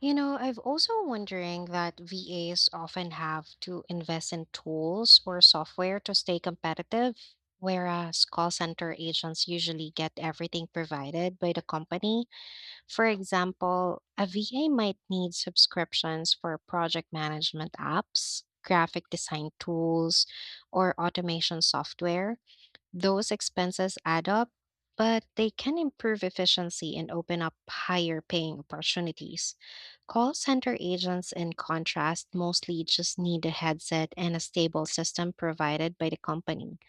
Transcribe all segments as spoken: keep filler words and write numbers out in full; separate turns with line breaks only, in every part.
You know, I've also wondering that V As often have to invest in tools or software to stay competitive, whereas call center agents usually get everything provided by the company. For example, a V A might need subscriptions for project management apps, graphic design tools, or automation software. Those expenses add up, but they can improve efficiency and open up higher paying opportunities. Call center agents, in contrast, mostly just need a headset and a stable system provided by the company.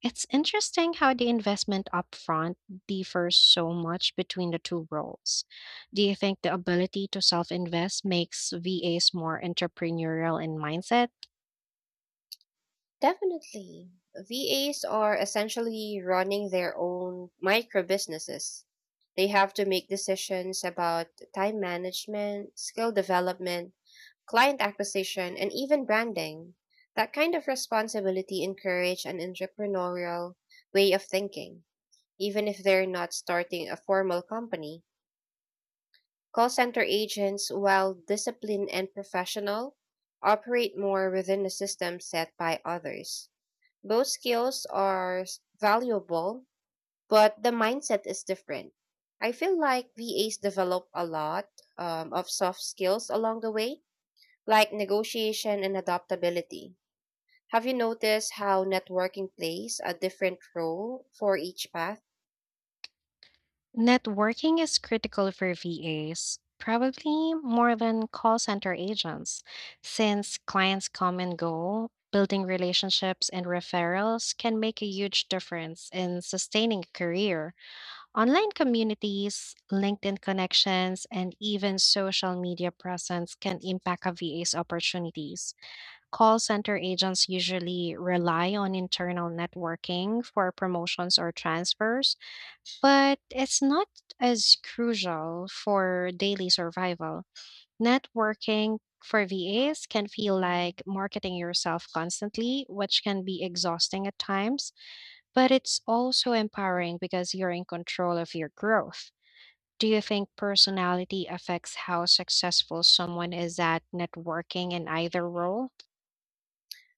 It's interesting how the investment upfront differs so much between the two roles. Do you think the ability to self invest makes V As more entrepreneurial in mindset?
Definitely. V As are essentially running their own micro businesses. They have to make decisions about time management, skill development, client acquisition, and even branding. That kind of responsibility encourage an entrepreneurial way of thinking, even if they're not starting a formal company. Call center agents, while disciplined and professional, operate more within a system set by others. Both skills are s- valuable, but the mindset is different. I feel like V As develop a lot um, of soft skills along the way, like negotiation and adaptability. Have you noticed how networking plays a different role for each path?
Networking is critical for V As, probably more than call center agents, since clients come and go. Building relationships and referrals can make a huge difference in sustaining a career. Online communities, LinkedIn connections, and even social media presence can impact a V A's opportunities. Call center agents usually rely on internal networking for promotions or transfers, but it's not as crucial for daily survival. Networking for V As can feel like marketing yourself constantly, which can be exhausting at times, but it's also empowering because you're in control of your growth. Do you think personality affects how successful someone is at networking in either role?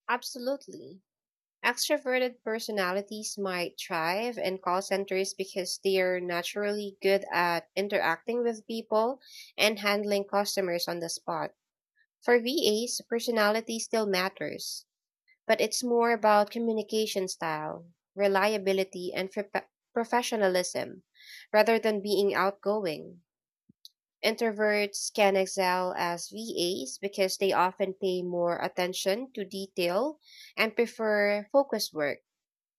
Absolutely. Extroverted personalities might thrive in call centers because they're naturally good at interacting with people and handling customers on the spot. For V As, personality still matters, but it's more about communication style, reliability, and prof- professionalism rather than being outgoing. Introverts can excel as V As because they often pay more attention to detail and prefer focused work.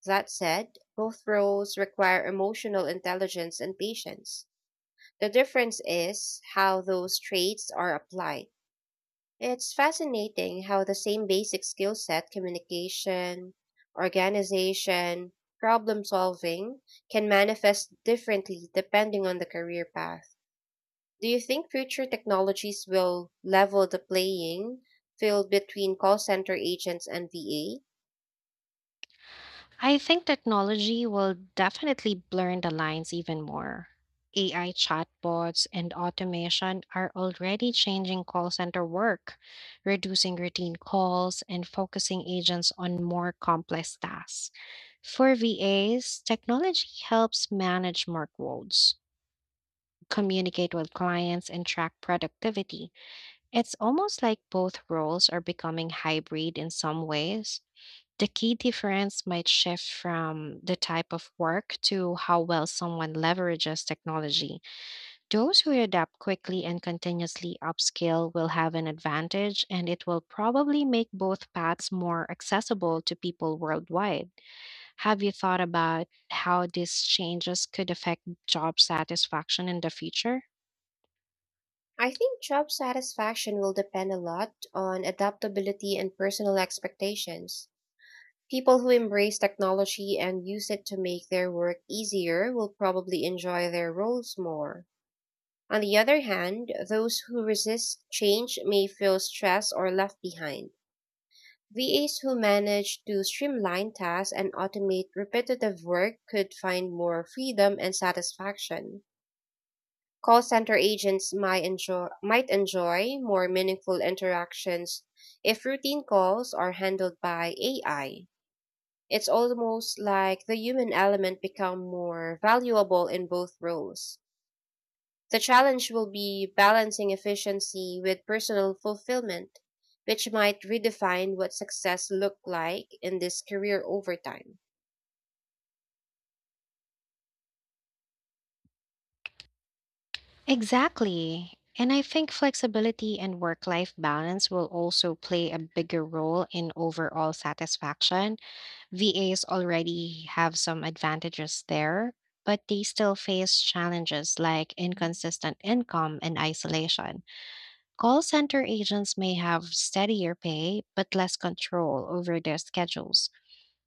That said, both roles require emotional intelligence and patience. The difference is how those traits are applied. It's fascinating how the same basic skill set, communication, organization, problem solving, can manifest differently depending on the career path. Do you think future technologies will level the playing field between call center agents and V A?
I think technology will definitely blur the lines even more. A I chatbots and automation are already changing call center work, reducing routine calls and focusing agents on more complex tasks. For V As, technology helps manage workloads, communicate with clients, and track productivity. It's almost like both roles are becoming hybrid in some ways. The key difference might shift from the type of work to how well someone leverages technology. Those who adapt quickly and continuously upskill will have an advantage, and it will probably make both paths more accessible to people worldwide. Have you thought about how these changes could affect job satisfaction in the future?
I think job satisfaction will depend a lot on adaptability and personal expectations. People who embrace technology and use it to make their work easier will probably enjoy their roles more. On the other hand, those who resist change may feel stressed or left behind. V As who manage to streamline tasks and automate repetitive work could find more freedom and satisfaction. Call center agents might enjoy, might enjoy more meaningful interactions if routine calls are handled by A I. It's almost like the human element become more valuable in both roles. The challenge will be balancing efficiency with personal fulfillment, which might redefine what success looked like in this career over time.
Exactly. And I think flexibility and work life balance will also play a bigger role in overall satisfaction. V As already have some advantages there, but they still face challenges like inconsistent income and isolation. Call center agents may have steadier pay, but less control over their schedules.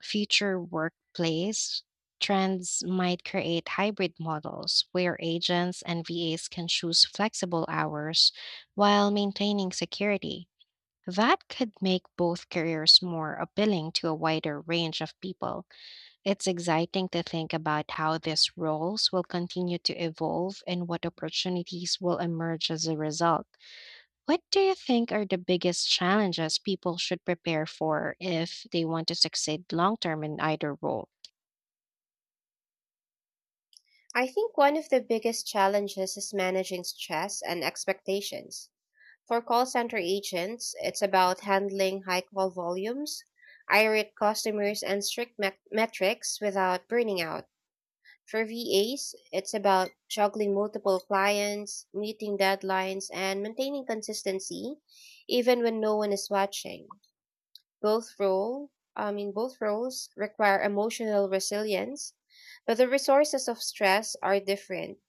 Future workplace trends might create hybrid models where agents and V As can choose flexible hours while maintaining security. That could make both careers more appealing to a wider range of people. It's exciting to think about how these roles will continue to evolve and what opportunities will emerge as a result. What do you think are the biggest challenges people should prepare for if they want to succeed long term in either role?
I think one of the biggest challenges is managing stress and expectations. For call center agents, it's about handling high call volumes, irate customers, and strict met- metrics without burning out. For V As, it's about juggling multiple clients, meeting deadlines, and maintaining consistency even when no one is watching. Both role, I mean, both roles require emotional resilience, but the resources of stress are different.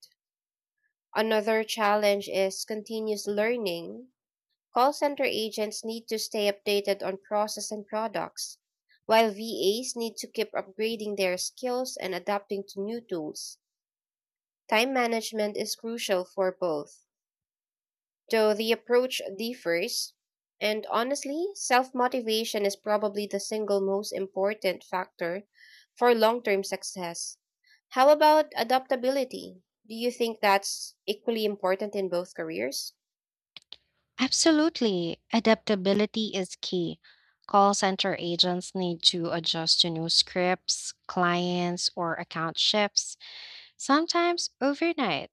Another challenge is continuous learning. Call center agents need to stay updated on process and products, while V As need to keep upgrading their skills and adapting to new tools. Time management is crucial for both, though the approach differs. And honestly, self motivation is probably the single most important factor for long term success. How about adaptability? Do you think that's equally important in both careers?
Absolutely. Adaptability is key. Call center agents need to adjust to new scripts, clients, or account shifts, sometimes overnight.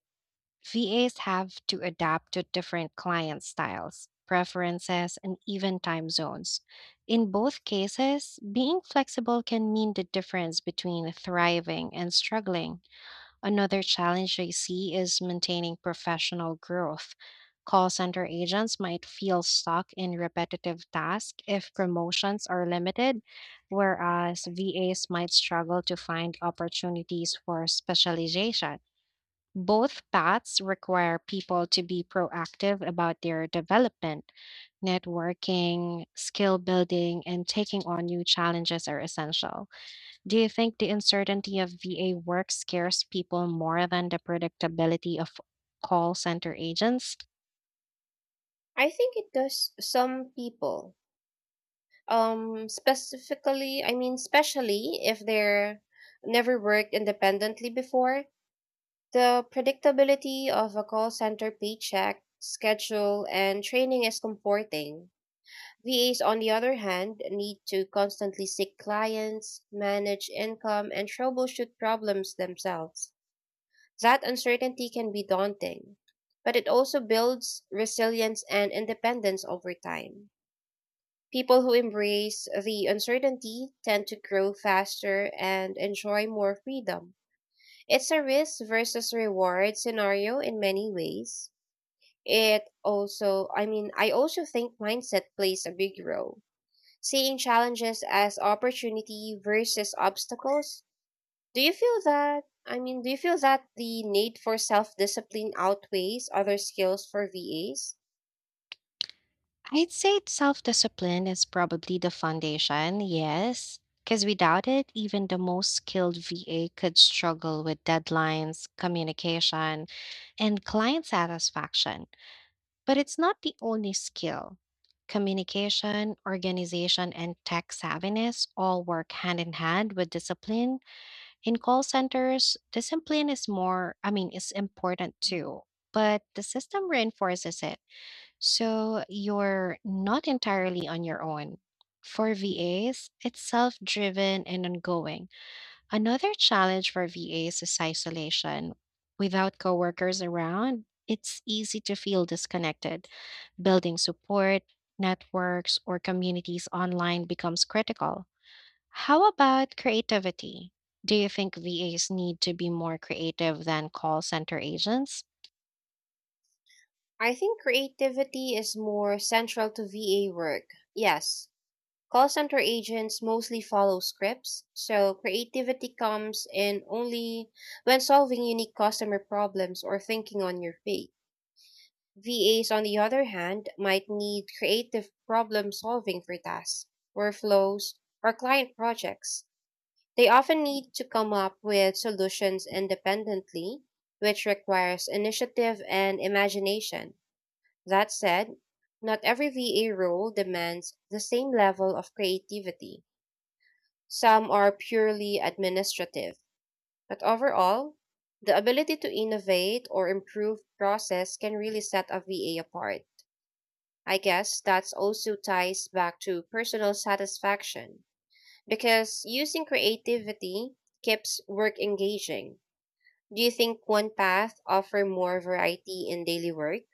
V As have to adapt to different client styles, preferences, and even time zones. In both cases, being flexible can mean the difference between thriving and struggling. Another challenge I see is maintaining professional growth. Call center agents might feel stuck in repetitive tasks if promotions are limited, whereas V As might struggle to find opportunities for specialization. Both paths require people to be proactive about their development. Networking, skill building, and taking on new challenges are essential. Do you think the uncertainty of V A work scares people more than the predictability of call center agents?
I think it does some people. Um, specifically, I mean, especially if they're never worked independently before, the predictability of a call center paycheck, schedule, and training is comforting. V As, on the other hand, need to constantly seek clients, manage income, and troubleshoot problems themselves. That uncertainty can be daunting, but it also builds resilience and independence over time. People who embrace the uncertainty tend to grow faster and enjoy more freedom. It's a risk versus reward scenario in many ways. It also, I mean, I also think mindset plays a big role. Seeing challenges as opportunity versus obstacles. Do you feel that? I mean, do you feel that the need for self discipline outweighs other skills for V As?
I'd say self discipline is probably the foundation, yes. Because without it, even the most skilled V A could struggle with deadlines, communication, and client satisfaction. But it's not the only skill. Communication, organization, and tech savviness all work hand in hand with discipline. In call centers, discipline is more, I mean, is important too, but the system reinforces it. So you're not entirely on your own. For V As, it's self driven and ongoing. Another challenge for V As is isolation. Without coworkers around, it's easy to feel disconnected. Building support, networks, or communities online becomes critical. How about creativity? Do you think V As need to be more creative than call center agents?
I think creativity is more central to V A work. Yes, call center agents mostly follow scripts, so creativity comes in only when solving unique customer problems or thinking on your feet. V As, on the other hand, might need creative problem solving for tasks, workflows, or client projects. They often need to come up with solutions independently, which requires initiative and imagination. That said, not every V A role demands the same level of creativity. Some are purely administrative, but overall, the ability to innovate or improve process can really set a V A apart. I guess that's also ties back to personal satisfaction because using creativity keeps work engaging. Do you think one path offer more variety in daily work?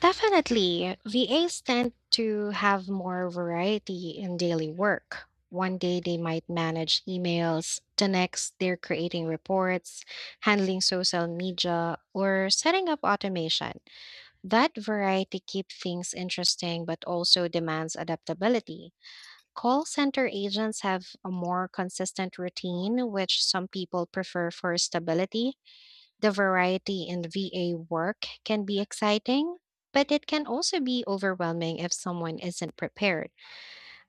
Definitely. V As tend to have more variety in daily work. One day they might manage emails, the next they're creating reports, handling social media, or setting up automation. That variety keeps things interesting but also demands adaptability. Call center agents have a more consistent routine, which some people prefer for stability. The variety in V A work can be exciting, but it can also be overwhelming if someone isn't prepared.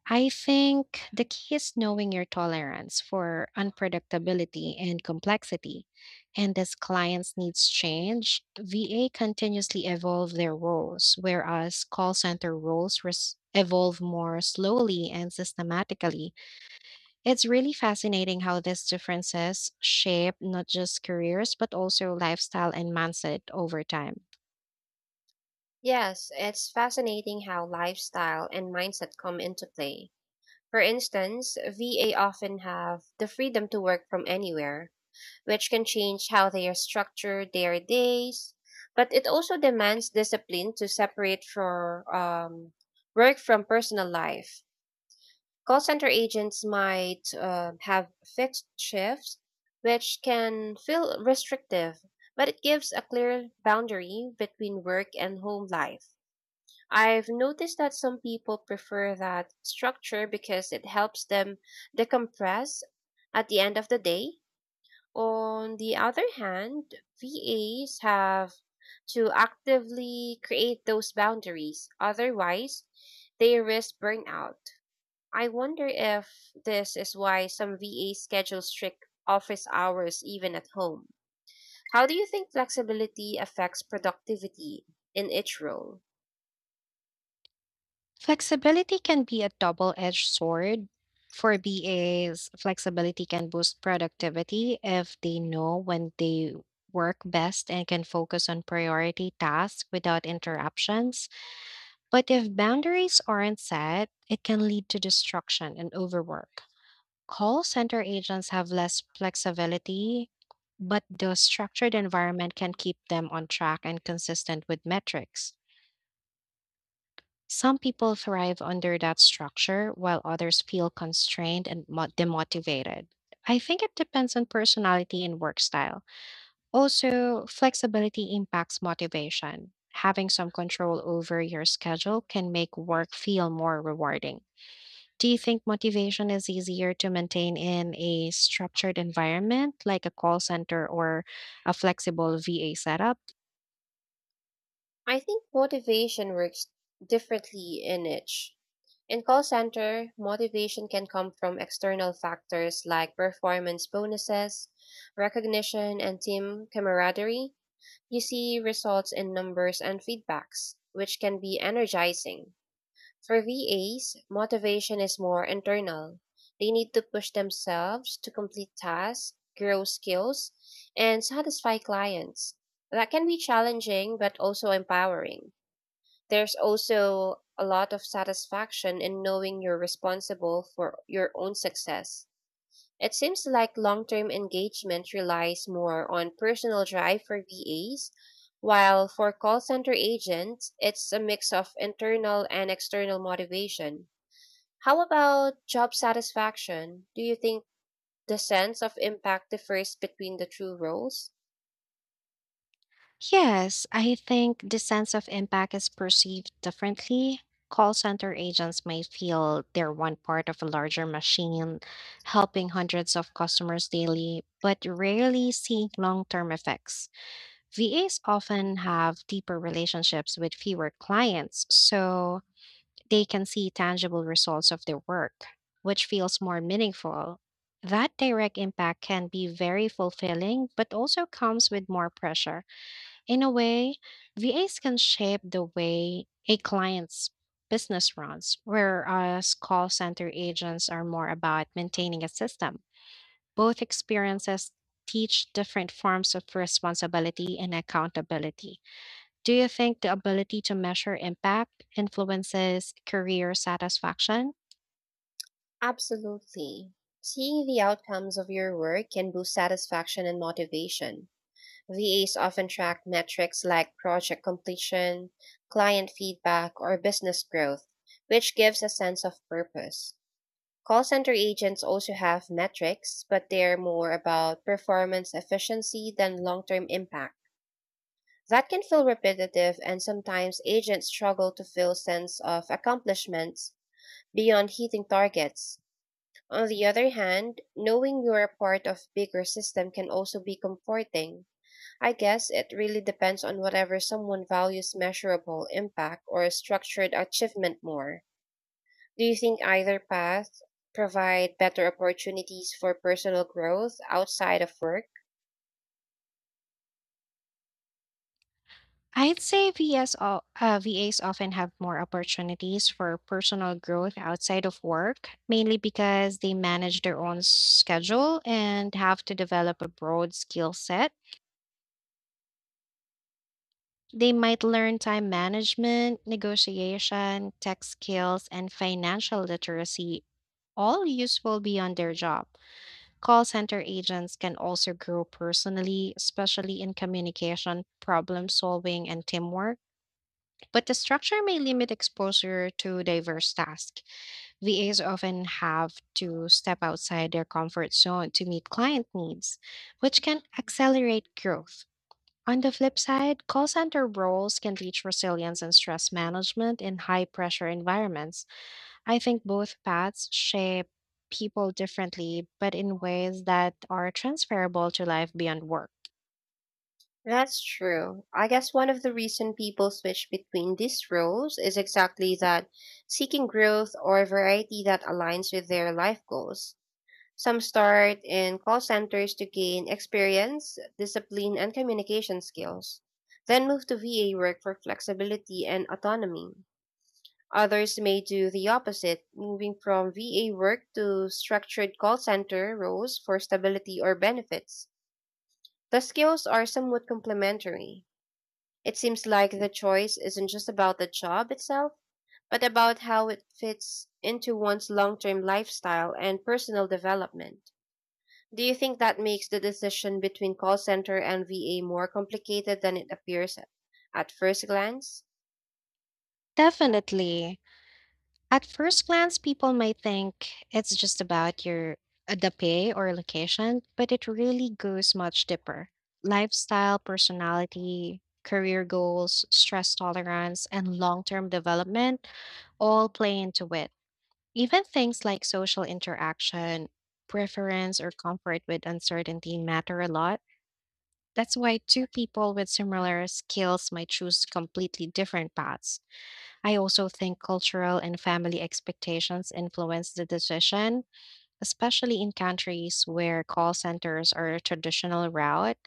I think the key is knowing your tolerance for unpredictability and complexity. And as clients' needs change, V A continuously evolve their roles, whereas call center roles res- evolve more slowly and systematically. It's really fascinating how these differences shape not just careers, but also lifestyle and mindset over time.
Yes, it's fascinating how lifestyle and mindset come into play. For instance, V A often have the freedom to work from anywhere, which can change how they are structured their days. But it also demands discipline to separate for um, work from personal life. Call center agents might uh, have fixed shifts, which can feel restrictive, but it gives a clear boundary between work and home life. I've noticed that some people prefer that structure because it helps them decompress at the end of the day. On the other hand, V As have to actively create those boundaries. Otherwise, they risk burnout. I wonder if this is why some V As schedule strict office hours even at home. How do you think flexibility affects productivity in each role?
Flexibility can be a double edged sword. For B As, flexibility can boost productivity if they know when they work best and can focus on priority tasks without interruptions. But if boundaries aren't set, it can lead to distraction and overwork. Call center agents have less flexibility, but the structured environment can keep them on track and consistent with metrics. Some people thrive under that structure, while others feel constrained and mo- demotivated. I think it depends on personality and work style. Also, flexibility impacts motivation. Having some control over your schedule can make work feel more rewarding. Do you think motivation is easier to maintain in a structured environment like a call center or a flexible V A setup?
I think motivation works differently in each. In call center, motivation can come from external factors like performance bonuses, recognition, and team camaraderie. You see results in numbers and feedbacks, which can be energizing. For V As, motivation is more internal. They need to push themselves to complete tasks, grow skills, and satisfy clients. That can be challenging but also empowering. There's also a lot of satisfaction in knowing you're responsible for your own success. It seems like long term engagement relies more on personal drive for V As, while for call center agents, it's a mix of internal and external motivation. How about job satisfaction? Do you think the sense of impact differs between the two roles?
Yes, I think the sense of impact is perceived differently. Call center agents may feel they're one part of a larger machine, helping hundreds of customers daily, but rarely see long term effects. V As often have deeper relationships with fewer clients, so they can see tangible results of their work, which feels more meaningful. That direct impact can be very fulfilling, but also comes with more pressure. In a way, V As can shape the way a client's business runs, whereas call center agents are more about maintaining a system. Both experiences teach different forms of responsibility and accountability. Do you think the ability to measure impact influences career satisfaction?
Absolutely. Seeing the outcomes of your work can boost satisfaction and motivation. V As often track metrics like project completion, client feedback, or business growth, which gives a sense of purpose. Call center agents also have metrics, but they're more about performance efficiency than long term impact. That can feel repetitive, and sometimes agents struggle to feel sense of accomplishments beyond hitting targets. On the other hand, knowing you're a part of bigger system can also be comforting. I guess it really depends on whatever someone values measurable impact or structured achievement more. Do you think either path provide better opportunities for personal growth outside of work?
I'd say V S, o- uh, V As often have more opportunities for personal growth outside of work, mainly because they manage their own schedule and have to develop a broad skill set. They might learn time management, negotiation, tech skills, and financial literacy, all useful beyond their job. Call center agents can also grow personally, especially in communication, problem solving, and teamwork, but the structure may limit exposure to diverse tasks. V As often have to step outside their comfort zone to meet client needs, which can accelerate growth. On the flip side, call center roles can teach resilience and stress management in high pressure environments. I think both paths shape people differently, but in ways that are transferable to life beyond work.
That's true. I guess one of the reason people switch between these roles is exactly that seeking growth or variety that aligns with their life goals. Some start in call centers to gain experience, discipline, and communication skills, then move to V A work for flexibility and autonomy. Others may do the opposite, moving from V A work to structured call center roles for stability or benefits. The skills are somewhat complementary. It seems like the choice isn't just about the job itself, but about how it fits into one's long term lifestyle and personal development. Do you think that makes the decision between call center and V A more complicated than it appears at at first glance?
Definitely. At first glance, people might think it's just about your uh, the pay or location, but it really goes much deeper. Lifestyle, personality, career goals, stress tolerance, and long-term development all play into it. Even things like social interaction, preference, or comfort with uncertainty matter a lot. That's why two people with similar skills might choose completely different paths. I also think cultural and family expectations influence the decision, especially in countries where call centers are a traditional route.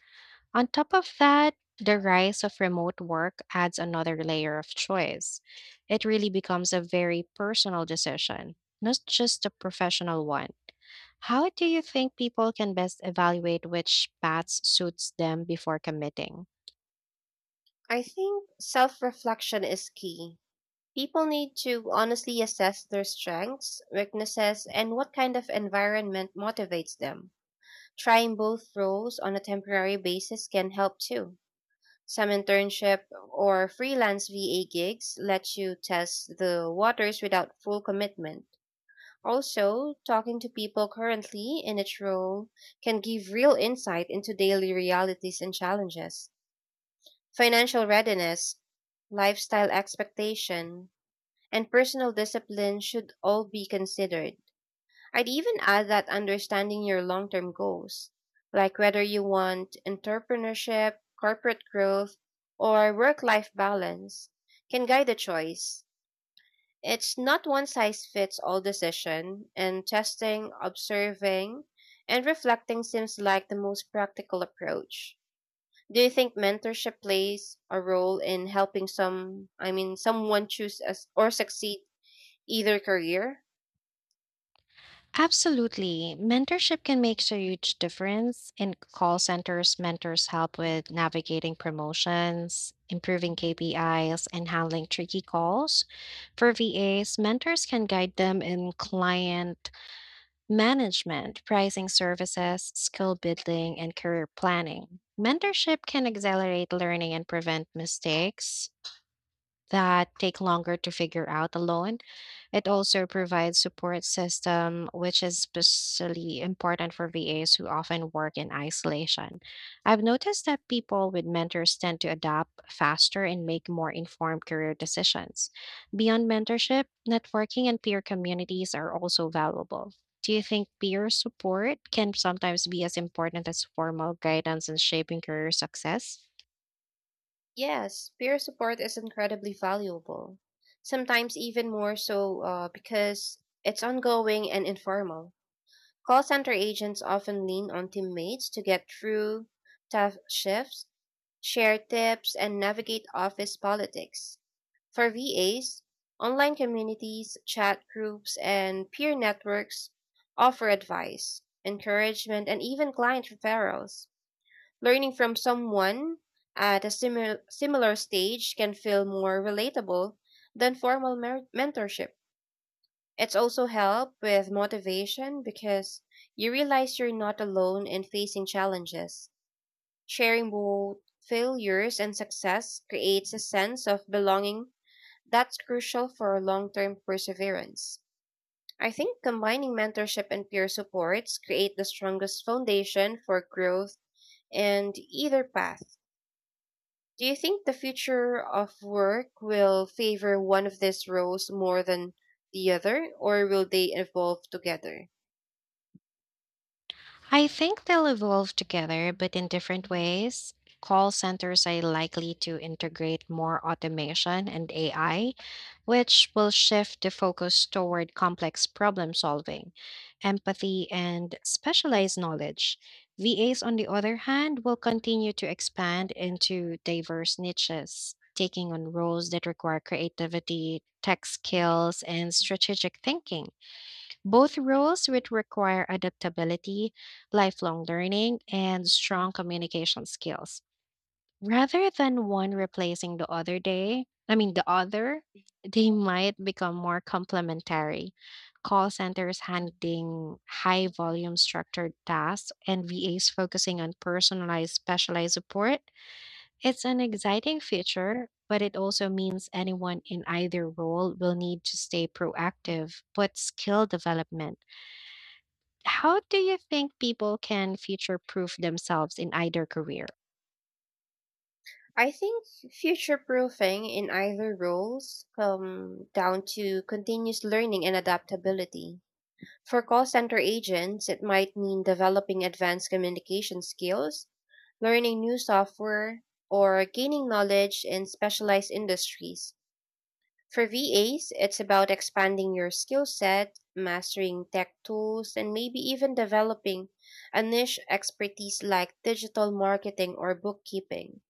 On top of that, the rise of remote work adds another layer of choice. It really becomes a very personal decision, not just a professional one. How do you think people can best evaluate which paths suits them before committing?
I think self reflection is key. People need to honestly assess their strengths, weaknesses, and what kind of environment motivates them. Trying both roles on a temporary basis can help too. Some internship or freelance V A gigs let you test the waters without full commitment. Also, talking to people currently in its role can give real insight into daily realities and challenges. Financial readiness, lifestyle expectation, and personal discipline should all be considered. I'd even add that understanding your long term goals, like whether you want entrepreneurship, corporate growth, or work life balance, can guide the choice. It's not one size fits all decision, and testing, observing, and reflecting seems like the most practical approach. Do you think mentorship plays a role in helping some, I mean, someone choose as, or succeed either career?
Absolutely. Mentorship can make a huge difference. In call centers, mentors help with navigating promotions, improving K P Is, and handling tricky calls. For V As, mentors can guide them in client management, pricing services, skill building, and career planning. Mentorship can accelerate learning and prevent mistakes that take longer to figure out alone. It also provides support system, which is especially important for V As who often work in isolation. I've noticed that people with mentors tend to adapt faster and make more informed career decisions. Beyond mentorship, networking and peer communities are also valuable. Do you think peer support can sometimes be as important as formal guidance in shaping career success?
Yes, peer support is incredibly valuable. Sometimes even more so uh, because it's ongoing and informal. Call center agents often lean on teammates to get through tough shifts, share tips, and navigate office politics. For V As, online communities, chat groups, and peer networks offer advice, encouragement, and even client referrals. Learning from someone at a similar similar stage can feel more relatable than formal mer- mentorship. It's also help with motivation because you realize you're not alone in facing challenges. Sharing both failures and success creates a sense of belonging that's crucial for long-term perseverance. I think combining mentorship and peer supports create the strongest foundation for growth in either path. Do you think the future of work will favor one of these roles more than the other, or will they evolve together?
I think they'll evolve together, but in different ways. Call centers are likely to integrate more automation and A I, which will shift the focus toward complex problem solving, empathy, and specialized knowledge. V As, on the other hand, will continue to expand into diverse niches, taking on roles that require creativity, tech skills, and strategic thinking. Both roles would require adaptability, lifelong learning, and strong communication skills. Rather than one replacing the other day, I mean the other, they might become more complementary. Call centers handling high volume structured tasks and V As focusing on personalized specialized support. It's an exciting future, but it also means anyone in either role will need to stay proactive, but skill development. How do you think people can future proof themselves in either career?
I think future proofing in either roles come down to continuous learning and adaptability. For call center agents, it might mean developing advanced communication skills, learning new software, or gaining knowledge in specialized industries. For V As, it's about expanding your skill set, mastering tech tools, and maybe even developing a niche expertise like digital marketing or bookkeeping.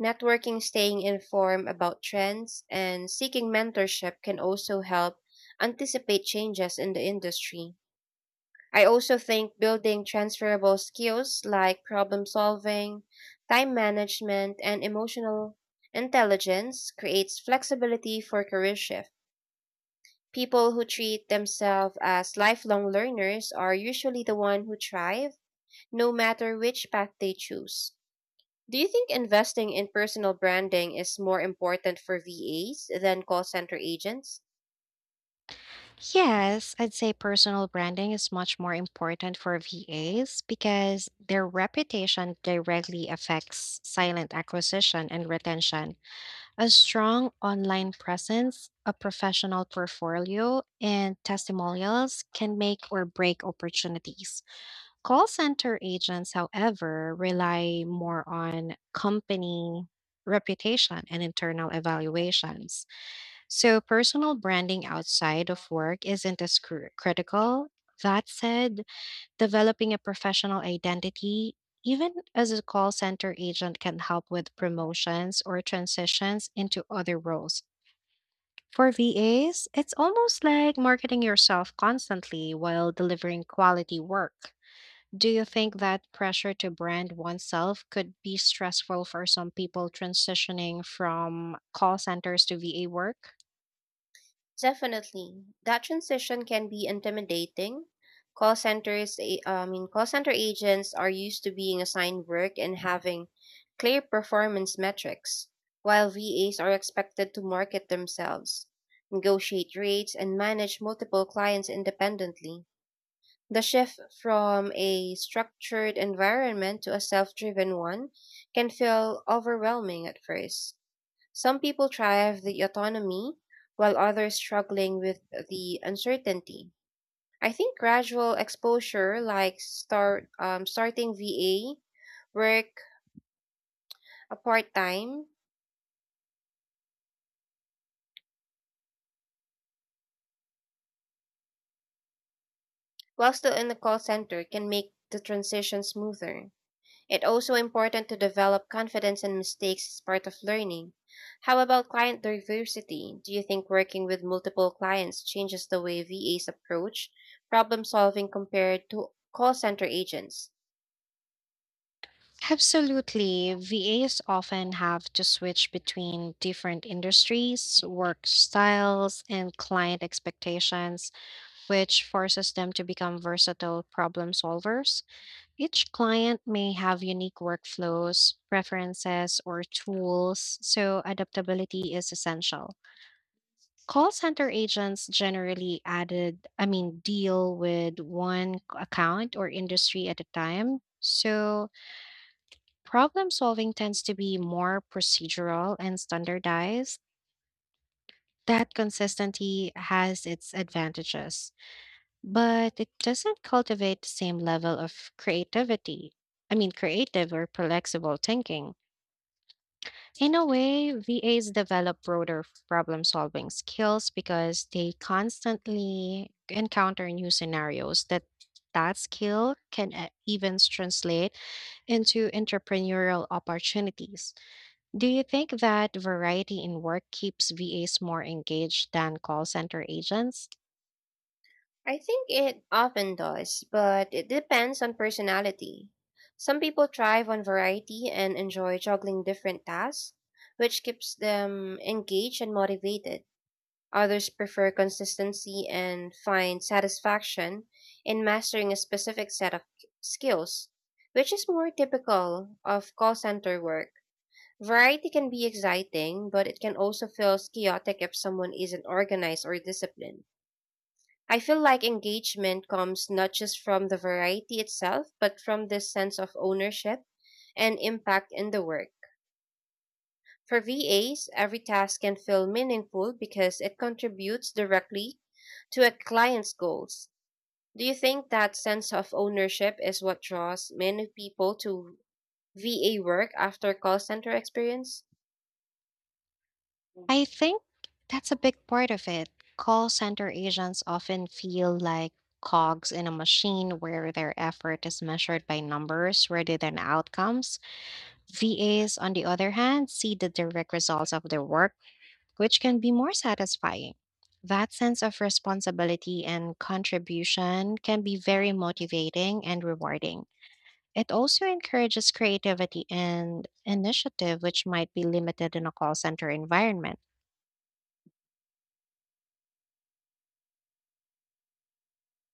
Networking, staying informed about trends, and seeking mentorship can also help anticipate changes in the industry. I also think building transferable skills like problem solving, time management, and emotional intelligence creates flexibility for career shift. People who treat themselves as lifelong learners are usually the ones who thrive, no matter which path they choose. Do you think investing in personal branding is more important for V As than call center agents?
Yes, I'd say personal branding is much more important for V As because their reputation directly affects silent acquisition and retention. A strong online presence, a professional portfolio, and testimonials can make or break opportunities. Call center agents, however, rely more on company reputation and internal evaluations. So, personal branding outside of work isn't as cr- critical. That said, developing a professional identity, even as a call center agent, can help with promotions or transitions into other roles. For V As, it's almost like marketing yourself constantly while delivering quality work. Do you think that pressure to brand oneself could be stressful for some people transitioning from call centers to V A work?
Definitely. That transition can be intimidating. Call centers, a- I mean, call center agents are used to being assigned work and having clear performance metrics, while V As are expected to market themselves, negotiate rates, and manage multiple clients independently. The shift from a structured environment to a self driven one can feel overwhelming at first. Some people thrive the autonomy, while others struggling with the uncertainty. I think gradual exposure, like start um, starting V A work a part time while still in the call center, can make the transition smoother. It also important to develop confidence and mistakes as part of learning. How about client diversity? Do you think working with multiple clients changes the way V As approach problem solving compared to call center agents?
Absolutely. V As often have to switch between different industries, work styles, and client expectations, which forces them to become versatile problem solvers. Each client may have unique workflows, preferences, or tools, so adaptability is essential. Call center agents generally added, I mean, deal with one c- account or industry at a time. So problem solving tends to be more procedural and standardized. That consistency has its advantages, but it doesn't cultivate the same level of creativity. I mean, creative or flexible thinking. In a way, V As develop broader problem solving skills because they constantly encounter new scenarios that that skill can e- even translate into entrepreneurial opportunities. Do you think that variety in work keeps V As more engaged than call center agents?
I think it often does, but it depends on personality. Some people thrive on variety and enjoy juggling different tasks, which keeps them engaged and motivated. Others prefer consistency and find satisfaction in mastering a specific set of skills, which is more typical of call center work. Variety can be exciting, but it can also feel chaotic if someone isn't organized or disciplined. I feel like engagement comes not just from the variety itself, but from this sense of ownership and impact in the work. For V As, every task can feel meaningful because it contributes directly to a client's goals. Do you think that sense of ownership is what draws many people to V A work after call center experience?
I think that's a big part of it. Call center agents often feel like cogs in a machine where their effort is measured by numbers rather than outcomes. V As, on the other hand, see the direct results of their work, which can be more satisfying. That sense of responsibility and contribution can be very motivating and rewarding. It also encourages creativity and initiative, which might be limited in a call center environment.